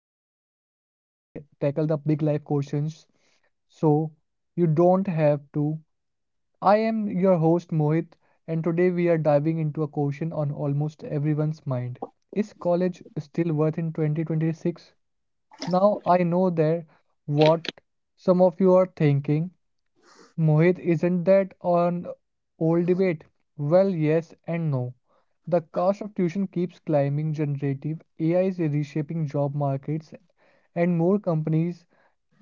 the podcast where we tackle the big life questions so you don't have to. I am your host, Mohit, and today we are diving into a question on almost everyone's mind. Is college still worth in 2026? Now, I know there what some of you are thinking. Mohit, isn't that an old debate? Well, yes and no. The cost of tuition keeps climbing. Generative AI is reshaping job markets, and more companies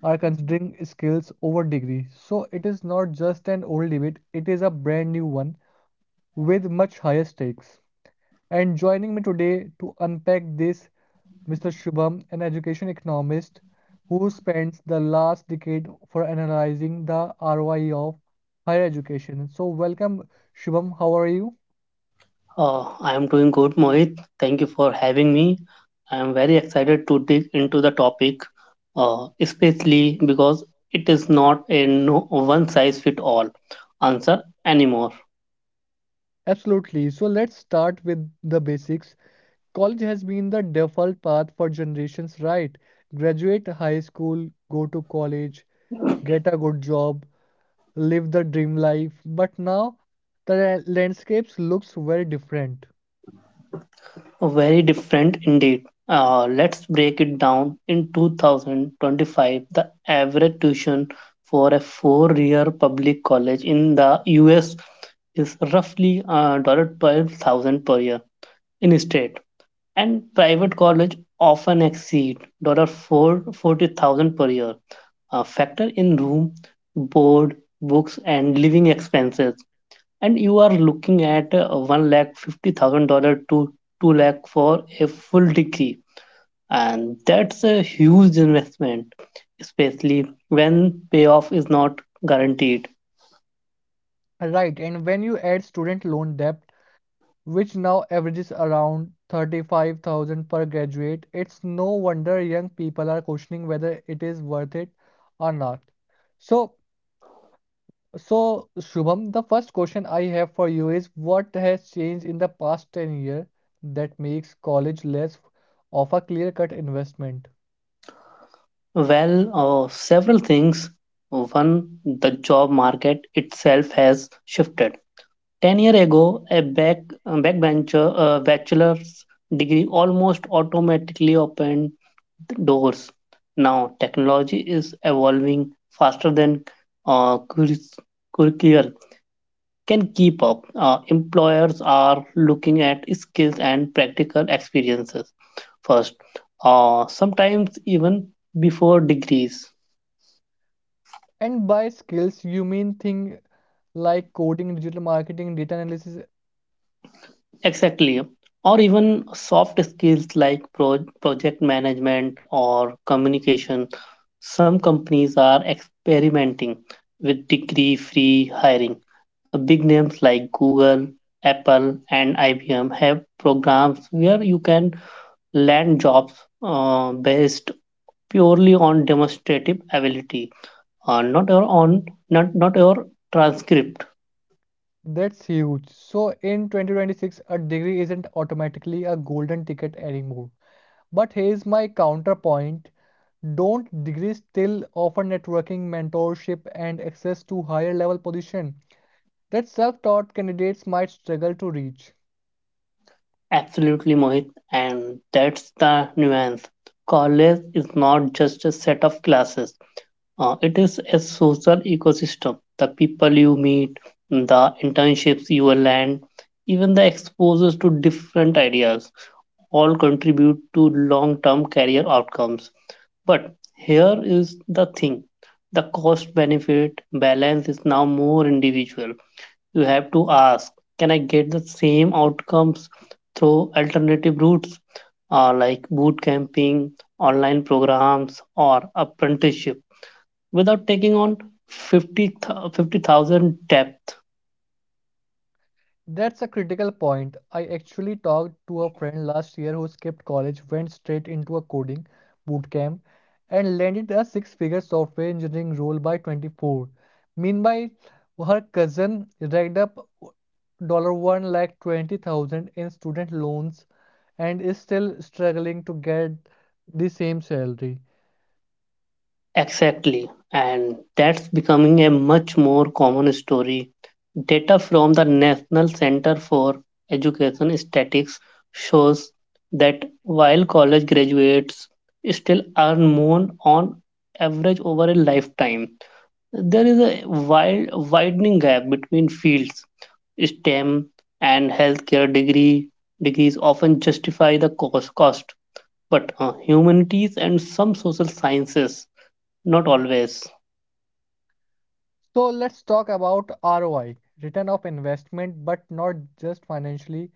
are considering skills over degree. So it is not just an old debate, it is a brand new one with much higher stakes. And joining me today to unpack this, Mr. Shubham, an education economist who spends the last decade for analyzing the ROI of higher education. So, welcome, Shubham. How are you? I am doing good, Mohit. Thank you for having me. I am very excited to dig into the topic, especially because it is not a no, one size fit all answer anymore. Absolutely. So, let's start with the basics. College has been the default path for generations, right? Graduate high school, go to college, get a good job, live the dream life. But now the landscapes looks very different. Very different indeed. Let's break it down. In 2025, the average tuition for a 4 year public college in the US is roughly $12,000 per year in state, and private college often exceed $40,000 per year. Factor in room, board, books, and living expenses, and you are looking at one lakh fifty thousand dollar to two lakh for a full degree, and that's a huge investment, especially when payoff is not guaranteed. Right, and when you add student loan debt, which now averages around 35,000 per graduate, it's no wonder young people are questioning whether it is worth it or not. So, so, Shubham, the first question I have for you is what has changed in the past 10 years that makes college less of a clear-cut investment? Well, several things. One, the job market itself has shifted 10 years ago, a backbencher bachelor's degree almost automatically opened doors. Now, technology is evolving faster than curris- curriculum curricula can keep up. Employers are looking at skills and practical experiences first, sometimes even before degrees. And by skills, you mean thing like coding, digital marketing, data analysis? Exactly. Or even soft skills like project management or communication. Some companies are experimenting with degree free hiring. Big names like Google, Apple, and IBM have programs where you can land jobs based purely on demonstrative ability, not your transcript. That's huge. So in 2026, a degree isn't automatically a golden ticket anymore. But here's my counterpoint. Don't degrees still offer networking, mentorship, and access to higher level position that self-taught candidates might struggle to reach? Absolutely, Mohit, and that's the nuance. College is not just a set of classes, it is a social ecosystem. The people you meet, the internships you land, even the exposures to different ideas all contribute to long term career outcomes. But here is the thing, the cost benefit balance is now more individual. You have to ask, can I get the same outcomes through alternative routes like boot camping, online programs, or apprenticeship without taking on 50,000 depth? That's a critical point. I actually talked to a friend last year who skipped college, went straight into a coding bootcamp, and landed a six-figure software engineering role by 24. Meanwhile, her cousin racked up dollar one lakh 20,000 in student loans and is still struggling to get the same salary. Exactly. And that's becoming a much more common story. Data from the National Center for Education Statistics shows that while college graduates still earn more on average over a lifetime, there is a widening gap between fields. STEM and healthcare degrees often justify the cost, but humanities and some social sciences not always. So let's talk about ROI, return of investment, but not just financially.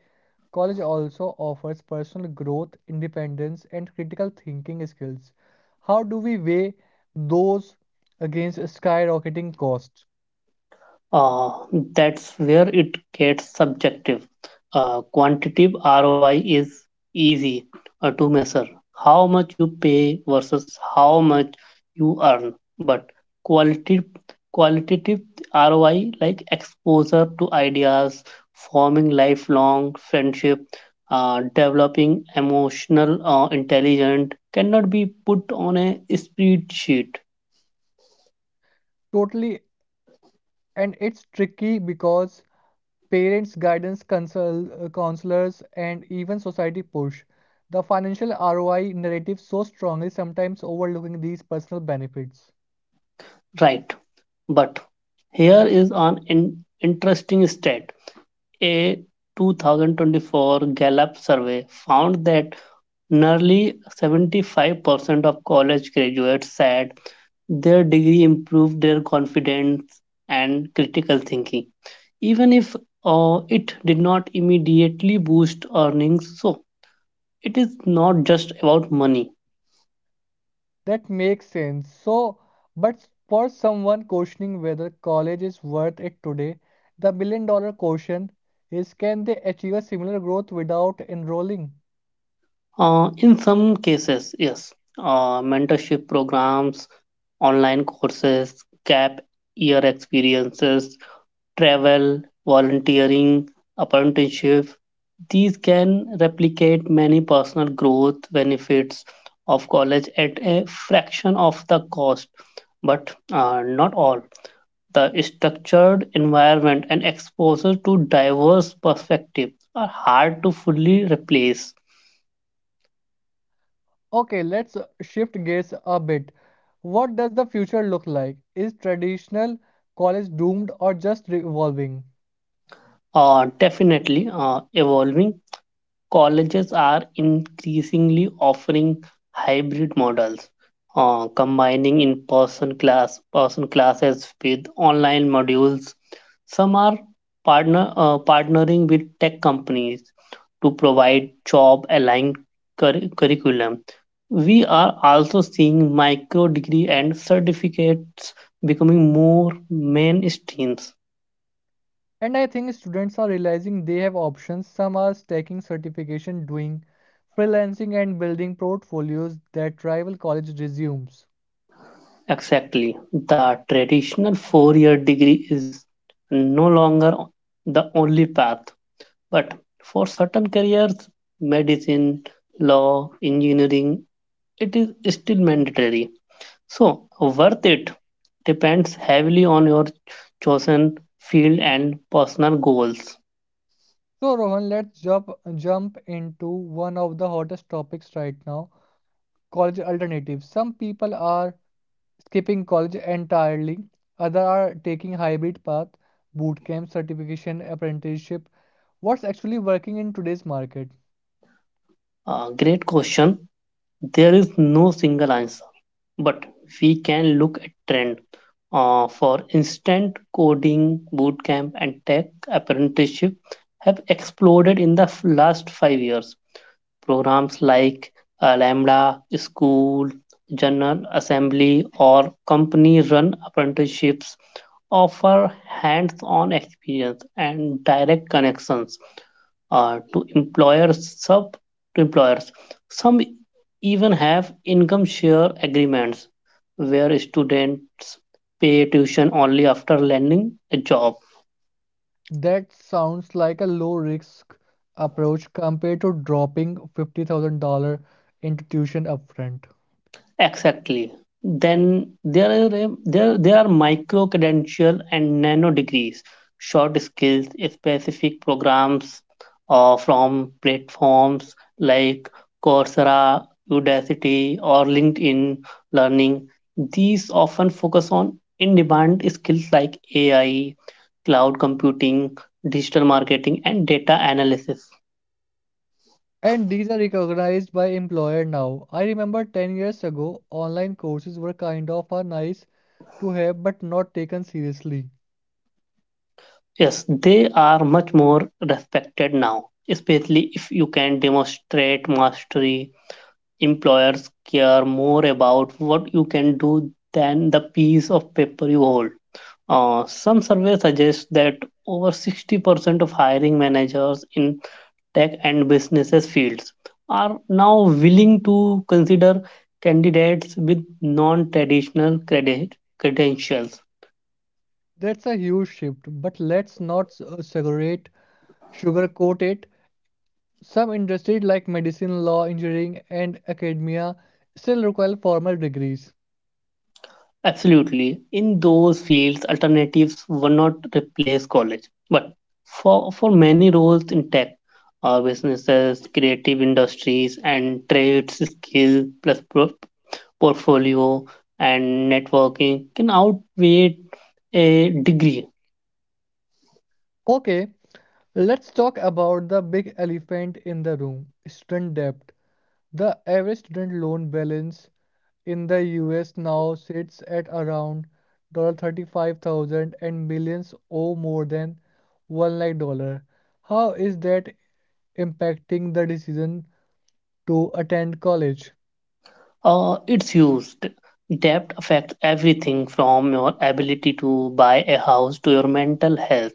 College also offers personal growth, independence, and critical thinking skills. How do we weigh those against skyrocketing costs? Uh, that's where it gets subjective. Quantitative ROI is easy to measure how much you pay versus how much you earn, but quality, qualitative ROI, like exposure to ideas, forming lifelong friendship, developing emotional intelligence, cannot be put on a spreadsheet, Totally, and it's tricky because parents, guidance, counselors, and even society push the financial ROI narrative so strongly, sometimes overlooking these personal benefits. right? But here is an interesting stat. A 2024 Gallup survey found that nearly 75% of college graduates said their degree improved their confidence and critical thinking, even if it did not immediately boost earnings. So, it is not just about money. That makes sense. So, but for someone questioning whether college is worth it today, the million dollar question is can they achieve a similar growth without enrolling? In some cases, yes, mentorship programs, online courses, gap year experiences, travel, volunteering, apprenticeship, these can replicate many personal growth benefits of college at a fraction of the cost, but not all. The structured environment and exposure to diverse perspectives are hard to fully replace. Okay, let's shift gears a bit. What does the future look like? Is traditional college doomed or just evolving? Definitely evolving. Colleges are increasingly offering hybrid models, combining person classes with online modules. Some are partnering with tech companies to provide job-aligned curriculum. We are also seeing micro degree and certificates becoming more mainstream. And I think students are realizing they have options. Some are stacking certification, doing freelancing, and building portfolios that rival college resumes. Exactly. The traditional 4 year degree is no longer the only path, but for certain careers, medicine, law, engineering, it is still mandatory. So, worth it depends heavily on your chosen field and personal goals. So Rohan, let's jump into one of the hottest topics right now, college alternatives. Some people are skipping college entirely, others are taking hybrid path, boot camp, certification, apprenticeship. What's actually working in today's market? Great question. There is no single answer, but we can look at trend. For instance, coding bootcamp and tech apprenticeship have exploded in the last 5 years. Programs like lambda school, general assembly, or company run apprenticeships offer hands on experience and direct connections uh, to employers sub to employers. Some even have income share agreements where students pay tuition only after landing a job. That sounds like a low risk approach compared to dropping $50,000 into tuition upfront. Exactly. Then there there are micro credential and nano degrees, short skills, specific programs from platforms like Coursera, Udacity, or LinkedIn Learning. These often focus on in-demand skills like AI, cloud computing, digital marketing, and data analysis. And these are recognized by employer now. I remember 10 years ago, online courses were kind of a nice to have but not taken seriously. Yes, they are much more respected now, especially if you can demonstrate mastery. Employers care more about what you can do than the piece of paper you hold. Some surveys suggest that over 60% of hiring managers in tech and businesses fields are now willing to consider candidates with non-traditional credentials. That's a huge shift, but let's not sugarcoat it. Some industries like medicine, law, engineering, and academia still require formal degrees. Absolutely. In those fields, alternatives will not replace college. But for many roles in tech, businesses, creative industries, and trades, skill plus portfolio and networking can outweigh a degree. Okay, let's talk about the big elephant in the room, student debt. The average student loan balance in the US now sits at around $35,000 and millions owe more than 1 lakh dollar. How is that impacting the decision to attend college? It's used. Debt affects everything from your ability to buy a house to your mental health.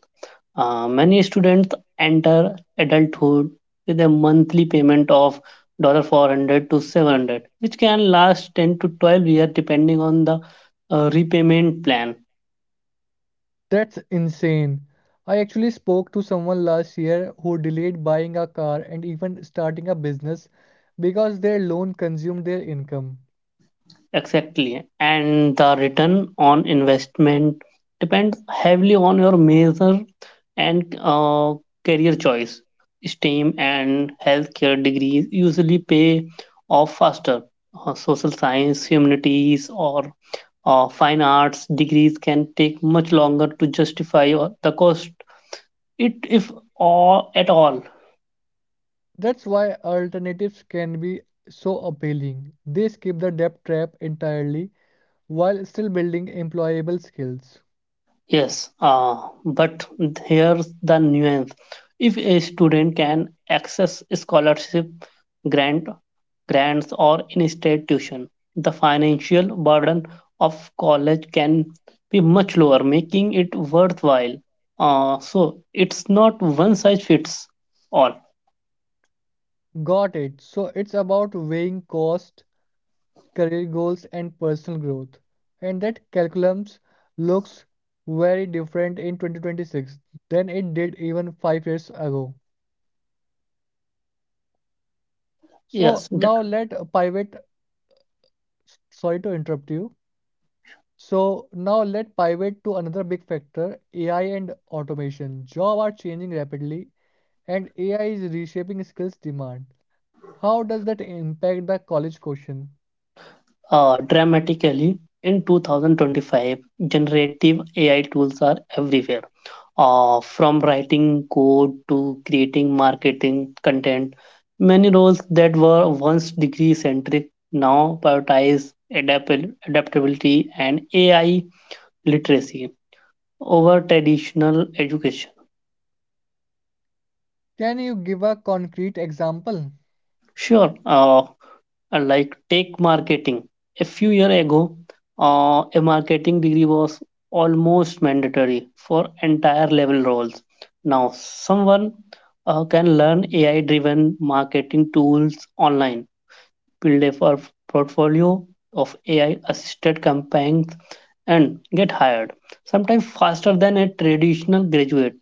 Many students enter adulthood with a monthly payment of 400 to 700, which can last 10 to 12 years depending on the repayment plan. That's insane. I actually spoke to someone last year who delayed buying a car and even starting a business because their loan consumed their income. Exactly. And the return on investment depends heavily on your major and career choice. STEM and healthcare degrees usually pay off faster. Social science, humanities, or fine arts degrees can take much longer to justify the cost, it if all at all. That's why alternatives can be so appealing. They skip the debt trap entirely while still building employable skills. Yes, but here's the nuance. If a student can access scholarship, grant, grants, or in-state tuition, the financial burden of college can be much lower, making it worthwhile. So it's not one size fits all. Got it. So it's about weighing cost, career goals, and personal growth. And that calculum looks very different in 2026 than it did even 5 years ago. So Yes, dr- now let pivot. Sorry to interrupt you. So now let's pivot to another big factor, AI and automation. Jobs are changing rapidly and AI is reshaping skills demand. How does that impact the college question? dramatically in 2025, generative AI tools are everywhere, from writing code to creating marketing content. Many roles that were once degree centric now prioritize adaptability and AI literacy over traditional education. Can you give a concrete example? Sure, like take marketing. A few years ago, a marketing degree was almost mandatory for entire level roles. Now, someone can learn AI driven marketing tools online, build a portfolio of AI assisted campaigns, and get hired, sometimes faster than a traditional graduate.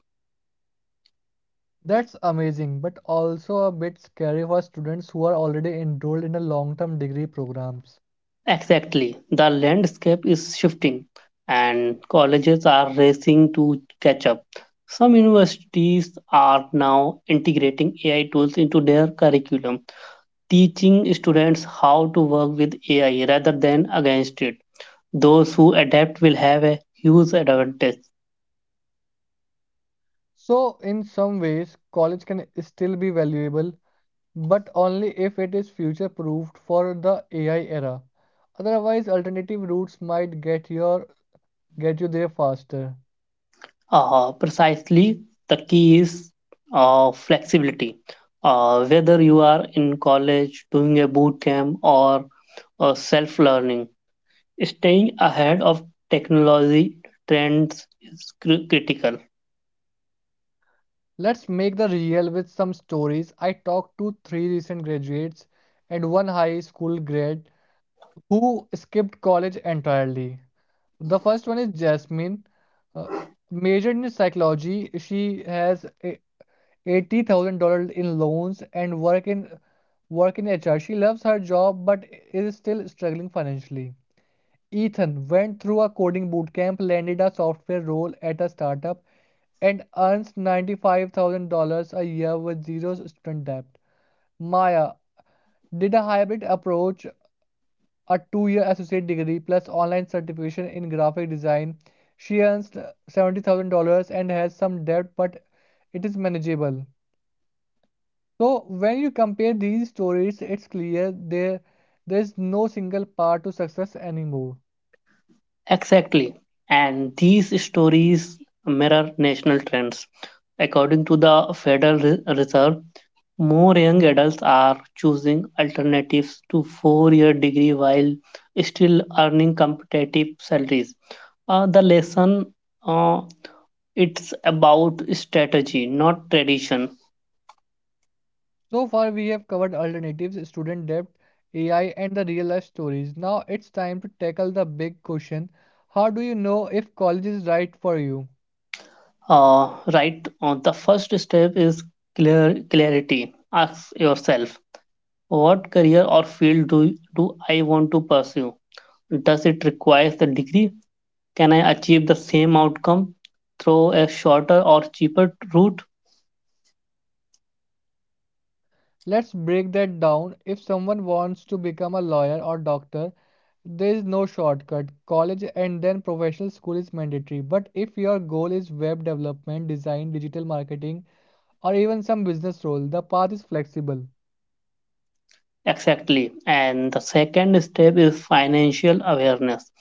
That's amazing, but also a bit scary for students who are already enrolled in a long-term degree programs. Exactly. The landscape is shifting, and colleges are racing to catch up. Some universities are now integrating AI tools into their curriculum, teaching students how to work with AI rather than against it. Those who adapt will have a huge advantage. So in some ways, college can still be valuable, but only if it is future proofed for the AI era. Otherwise, alternative routes might get you there faster. Precisely, the key is flexibility. Whether you are in college, doing a boot camp, or self learning, staying ahead of technology trends is critical. Let's make the real with some stories. I talked to three recent graduates and one high school grad who skipped college entirely. The first one is Jasmine, uh, majored in psychology. She has $80,000 in loans and work in HR. She loves her job but is still struggling financially. Ethan went through a coding bootcamp, landed a software role at a startup, and earns $95,000 a year with zero student debt. Maya did a hybrid approach, a 2-year associate degree plus online certification in graphic design. She earns $70,000 and has some debt, but it is manageable. So when you compare these stories, it's clear there's no single path to success anymore. Exactly. And these stories mirror national trends. According to the Reserve, more young adults are choosing alternatives to 4 year degree while still earning competitive salaries. The lesson uh, it's about strategy, not tradition. So far we have covered alternatives, student debt, AI, and the real life stories. Now it's time to tackle the big question. How do you know if college is right for you? Right, the first step is clear clarity. Ask yourself, what career or field do I want to pursue? Does it require the degree? Can I achieve the same outcome through a shorter or cheaper route? Let's break that down. If someone wants to become a lawyer or doctor, there is no shortcut. College and then professional school is mandatory. But if your goal is web development, design, digital marketing, or even some business role, the path is flexible. Exactly. And the second step is financial awareness.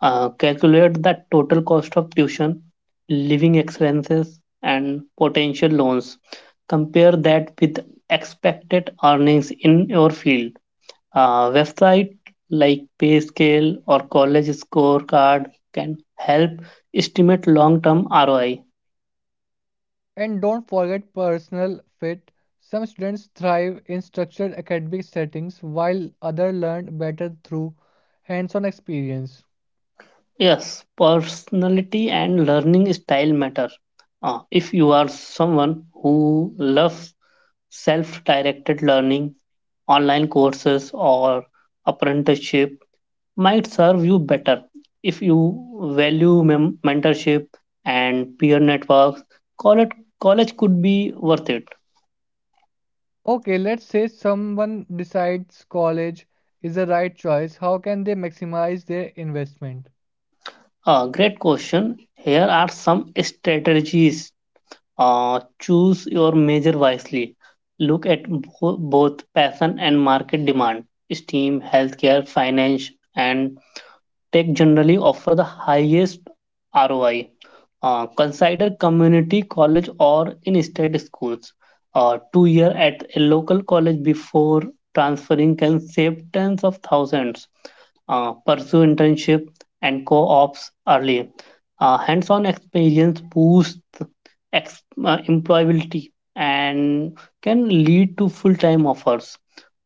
Calculate the total cost of tuition, living expenses, and potential loans. Compare that with expected earnings in your field. Website like PayScale or College Scorecard can help estimate long-term ROI. And don't forget personal fit. Some students thrive in structured academic settings while others learn better through hands-on experience. Yes, personality and learning style matter. If you are someone who loves self directed learning, online courses or apprenticeship might serve you better. If you value mentorship and peer networks, college college could be worth it. Okay, let's say someone decides college is the right choice. How can they maximize their investment? Great question. Here are some strategies. Choose your major wisely. Look at both passion and market demand. Steam, healthcare, finance, and tech generally offer the highest ROI. Consider community college or in state schools. 2 year at a local college before transferring can save tens of thousands. Pursue internship and co-ops early. Hands-on experience boosts employability and can lead to full-time offers.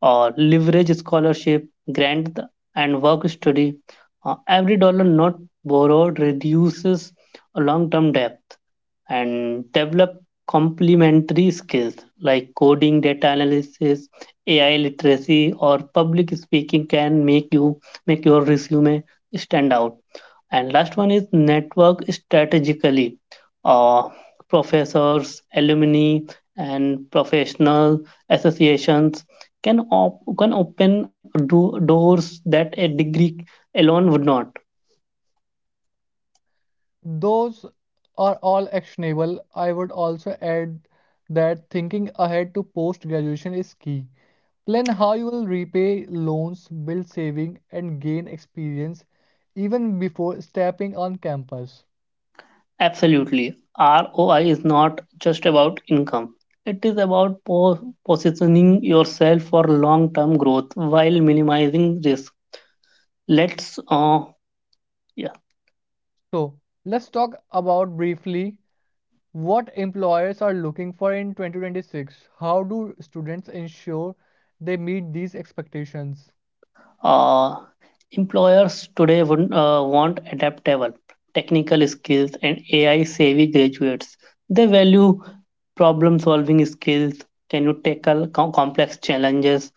Leverage scholarship, grant, and work study. Every dollar not borrowed reduces long term debt. And develop complementary skills like coding, data analysis, AI literacy, or public speaking can make your resume stand out. And last one is network strategically. Uh, Professors, alumni, and professional associations can open doors that a degree alone would not. Those are all actionable. I would also add that thinking ahead to post graduation is key. Plan how you will repay loans, build saving, and gain experience even before stepping on campus. Absolutely, ROI is not just about income. It is about positioning yourself for long-term growth while minimizing risk. Let's yeah. So, let's talk about briefly what employers are looking for in 2026. How do students ensure they meet these expectations? Uh, Employers today would want adaptable, technical skills and AI savvy graduates. They value problem solving skills. Can you tackle complex challenges?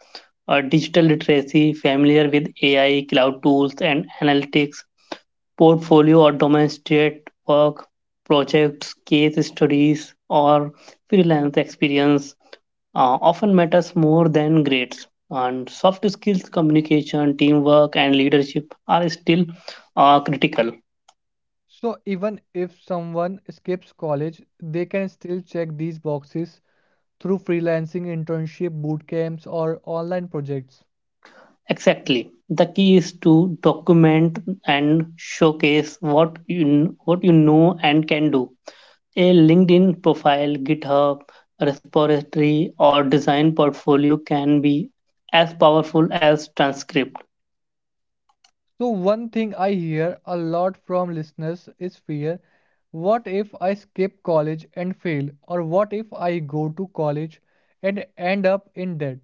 Digital literacy, familiar with AI, cloud tools, and analytics, portfolio or demonstrate work, projects, case studies, or freelance experience often matters more than grades. And soft skills, communication, teamwork, and leadership are still critical. So, even if someone skips college, they can still check these boxes through freelancing, internship, boot camps, or online projects. Exactly. The key is to document and showcase what you know and can do. A LinkedIn profile, GitHub, repository, or design portfolio can be as powerful as transcript. So, one thing I hear a lot from listeners is fear. What if I skip college and fail? Or what if I go to college and end up in debt?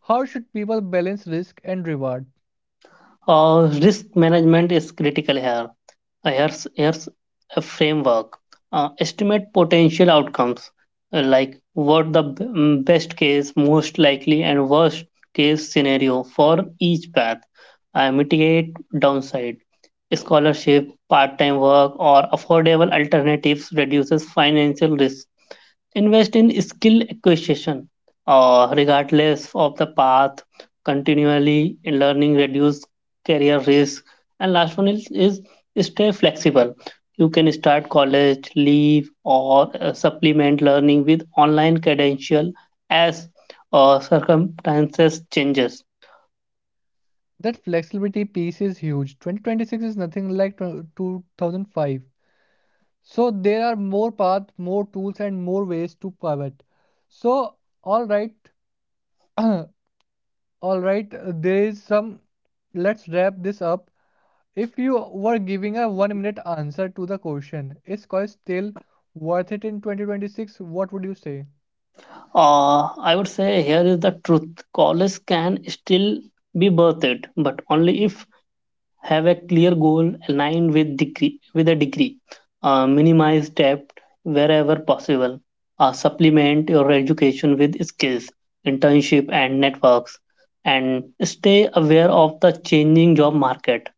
How should people balance risk and reward? Risk management is critical here. Here's a framework. Estimate potential outcomes, like what the best case, most likely, and worst case scenario for each path. Mitigate downside. Scholarship, part time work, or affordable alternatives reduces financial risk. Invest in skill acquisition, regardless of the path, continually in learning, reduce career risk. And last one is stay flexible. You can start college, leave, or supplement learning with online credential as circumstances changes. That flexibility piece is huge. 2026 is nothing like 2005. So, there are more paths, more tools, and more ways to pivot. So, all right, all right, there is some. Let's wrap this up. If you were giving a 1-minute answer to the question, is college still worth it in 2026? What would you say? I would say here is the truth. College can still be worth it, but only if have a clear goal aligned with degree with a degree, minimize debt wherever possible, supplement your education with skills, internship, and networks, and stay aware of the changing job market.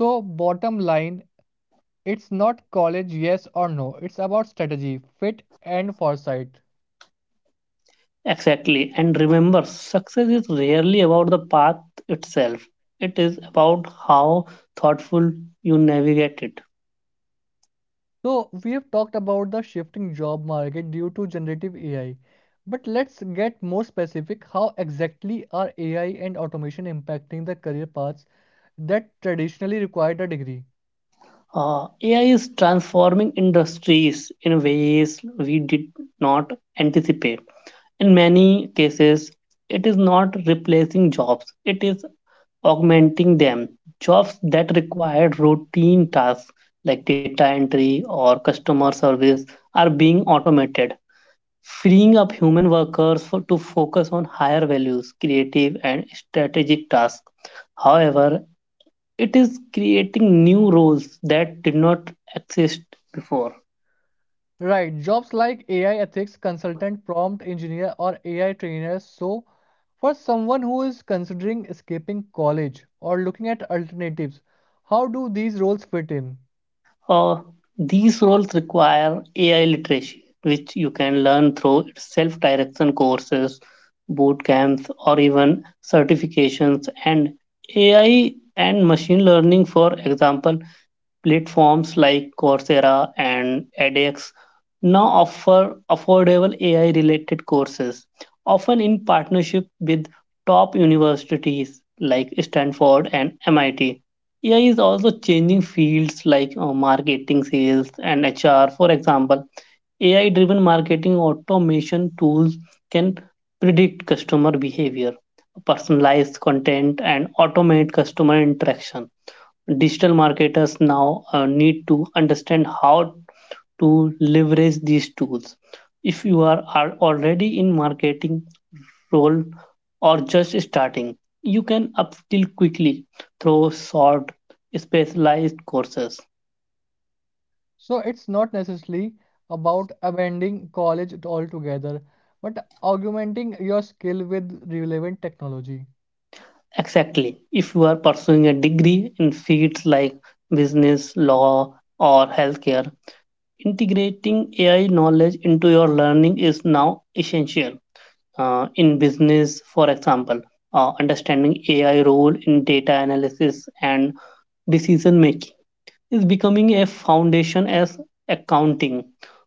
So, bottom line, it's not college yes or no, it's about strategy, fit, and foresight. Exactly, and remember, success is rarely about the path itself. It is about how thoughtful you navigate it. So, we have talked about the shifting job market due to generative AI, but let's get more specific. How exactly are AI and automation impacting the career paths that traditionally required a degree? AI is transforming industries in ways we did not anticipate. In many cases, it is not replacing jobs, it is augmenting them. Jobs that require routine tasks like data entry or customer service are being automated, freeing up human workers to focus on higher values, creative and strategic tasks. However, it is creating new roles that did not exist before. Right, jobs like AI ethics consultant, prompt engineer, or AI trainer. So, for someone who is considering escaping college or looking at alternatives, how do these roles fit in? Uh, these roles require AI literacy, which you can learn through self direction courses, boot camps, or even certifications. And AI and machine learning, for example. Platforms like Coursera and edX now offer affordable AI related courses, often in partnership with top universities like Stanford and MIT. AI is also changing fields like marketing, sales, and HR. For example, AI driven marketing automation tools can predict customer behavior, personalize content, and automate customer interaction. Digital marketers now need to understand how to leverage these tools. If you are already in marketing role or just starting, you can upskill quickly through short specialized courses. So, it's not necessarily about abandoning college altogether, but augmenting your skill with relevant technology. Exactly. If you are pursuing a degree in fields like business law or healthcare, integrating AI knowledge into your learning is now essential. In business, for example, understanding AI role in data analysis and decision making is becoming a foundation as accounting.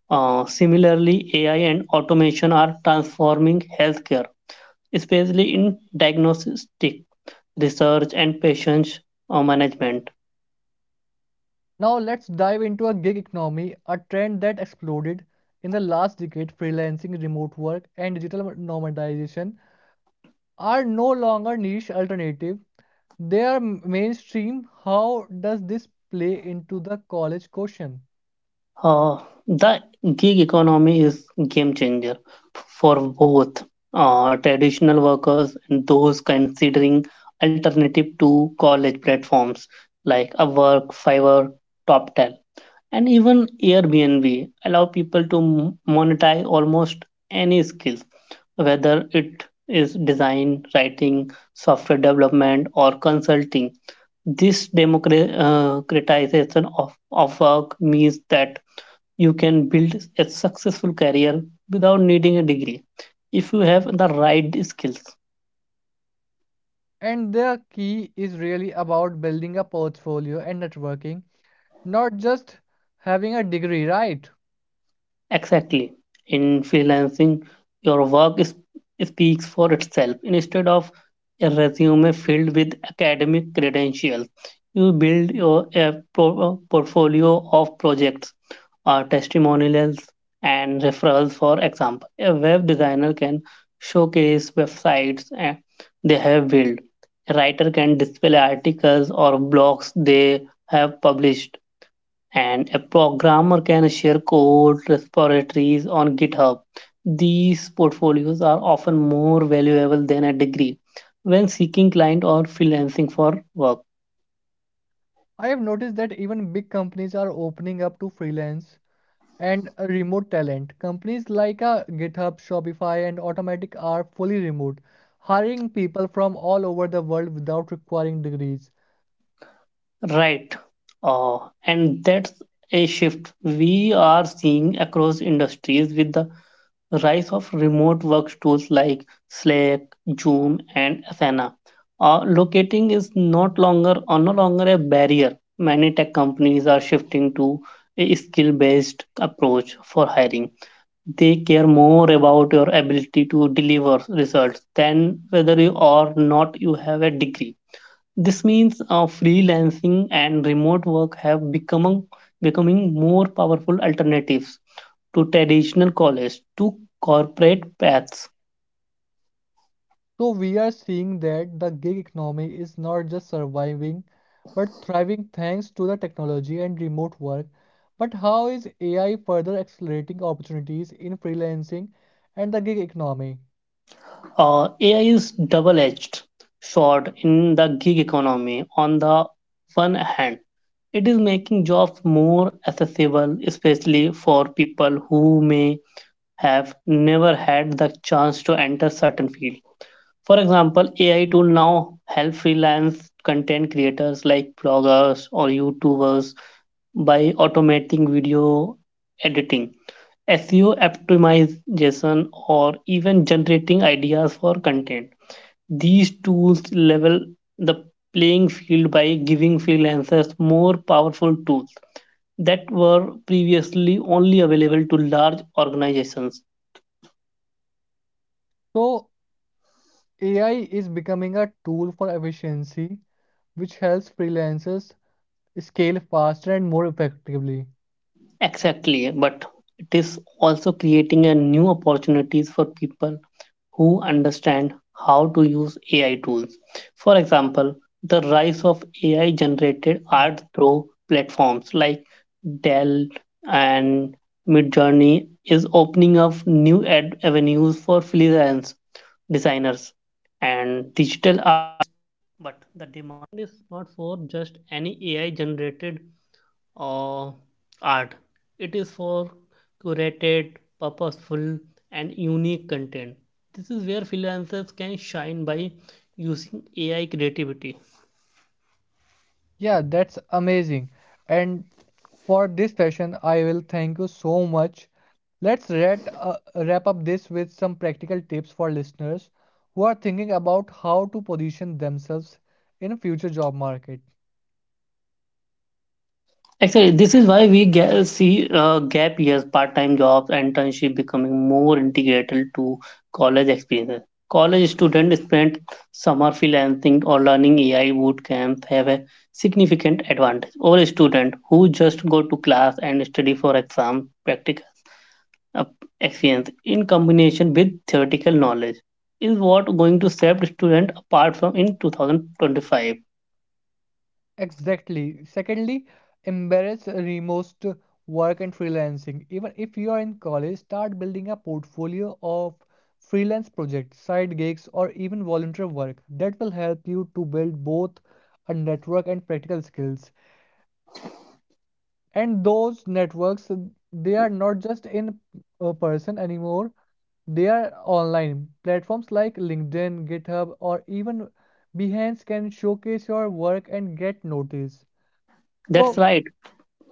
Similarly, AI and automation are transforming healthcare, especially in diagnostic research and patient management. Now, let's dive into a gig economy, a trend that exploded in the last decade. Freelancing, remote work, and digital nomadization are no longer niche alternative, they are mainstream. How does this play into the college question? Uh, the gig economy is game changer for both traditional workers and those considering alternative to college. Platforms like Upwork, Fiverr, TopTal, and even Airbnb allow people to monetize almost any skills, whether it is design, writing, software development, or consulting. This democratization of work means that you can build a successful career without needing a degree if you have the right skills. And the key is really about building a portfolio and networking, not just having a degree, right? Exactly. In freelancing, your work is, speaks for itself. Instead of a resume filled with academic credentials, you build your portfolio of projects, testimonials, and referrals. For example, a web designer can showcase websites they have built. A writer can display articles or blogs they have published, and a programmer can share code repositories on GitHub. These portfolios are often more valuable than a degree when seeking client or freelancing for work. I have noticed that even big companies are opening up to freelance and remote talent. Companies like GitHub, Shopify, and Automatic are fully remote, hiring people from all over the world without requiring degrees. Right. Uh, and that's a shift we are seeing across industries with the rise of remote work tools like Slack, Zoom, and Asana. Locating is not longer or no longer a barrier. Many tech companies are shifting to a skill-based approach for hiring. They care more about your ability to deliver results than whether you or not you have a degree. This means freelancing and remote work have become becoming more powerful alternatives to traditional college to corporate paths. So we are seeing that the gig economy is not just surviving, but thriving thanks to the technology and remote work. But how is AI further accelerating opportunities in freelancing and the gig economy? AI is double-edged sword in the gig economy. On the one hand, it is making jobs more accessible, especially for people who may have never had the chance to enter certain fields. For example, AI tool now help freelance content creators like bloggers or YouTubers by automating video editing, SEO optimization, or even generating ideas for content. These tools level the playing field by giving freelancers more powerful tools that were previously only available to large organizations. So AI is becoming a tool for efficiency, which helps freelancers scale faster and more effectively. Exactly, but it is also creating a new opportunities for people who understand how to use AI tools. For example, the rise of AI generated Mm. art through platforms like Dell and Midjourney is opening up new avenues for freelance designers and digital. Yeah, that's amazing. And for this session, I will thank you so much. Let's wrap up this with some practical tips for listeners who are thinking about how to position themselves in a future job market. Actually, this is why we see gap years, part-time jobs, internship becoming more integral to college experiences. College students spend summer freelancing or learning AI boot camps have a significant advantage over a student who just go to class and study for exam practical uh, experience in combination with theoretical knowledge is what going to set student apart from in 2025. Exactly. Secondly, embrace remote work and freelancing. Even if you are in college, start building a portfolio of freelance projects, side gigs, or even volunteer work. That will help you to build both a network and practical skills. And those networks, they are not just in a person anymore. They are online. Platforms like LinkedIn, GitHub, or even Behance can showcase your work and get noticed. That's So right.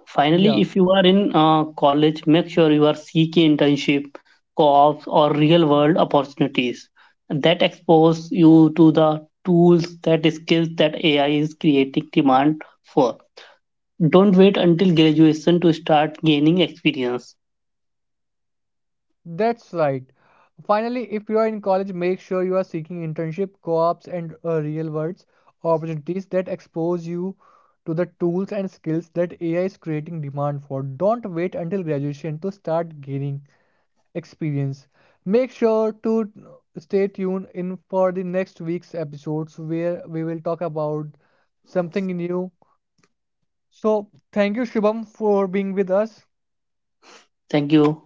Finally, yeah, if you are in college, make sure you are seeking internship, co-ops, or real-world opportunities that expose you to the tools, that skills that AI is creating demand for. Don't wait until graduation to start gaining experience. that's right. Finally, if you are in college, make sure you are seeking internship, co-ops, and real world opportunities that expose you to the tools and skills that AI is creating demand for. Don't wait until graduation to start gaining experience. Make sure to stay tuned in for the next week's episodes where we will talk about something new. So, thank you, Shubham, for being with us. Thank you.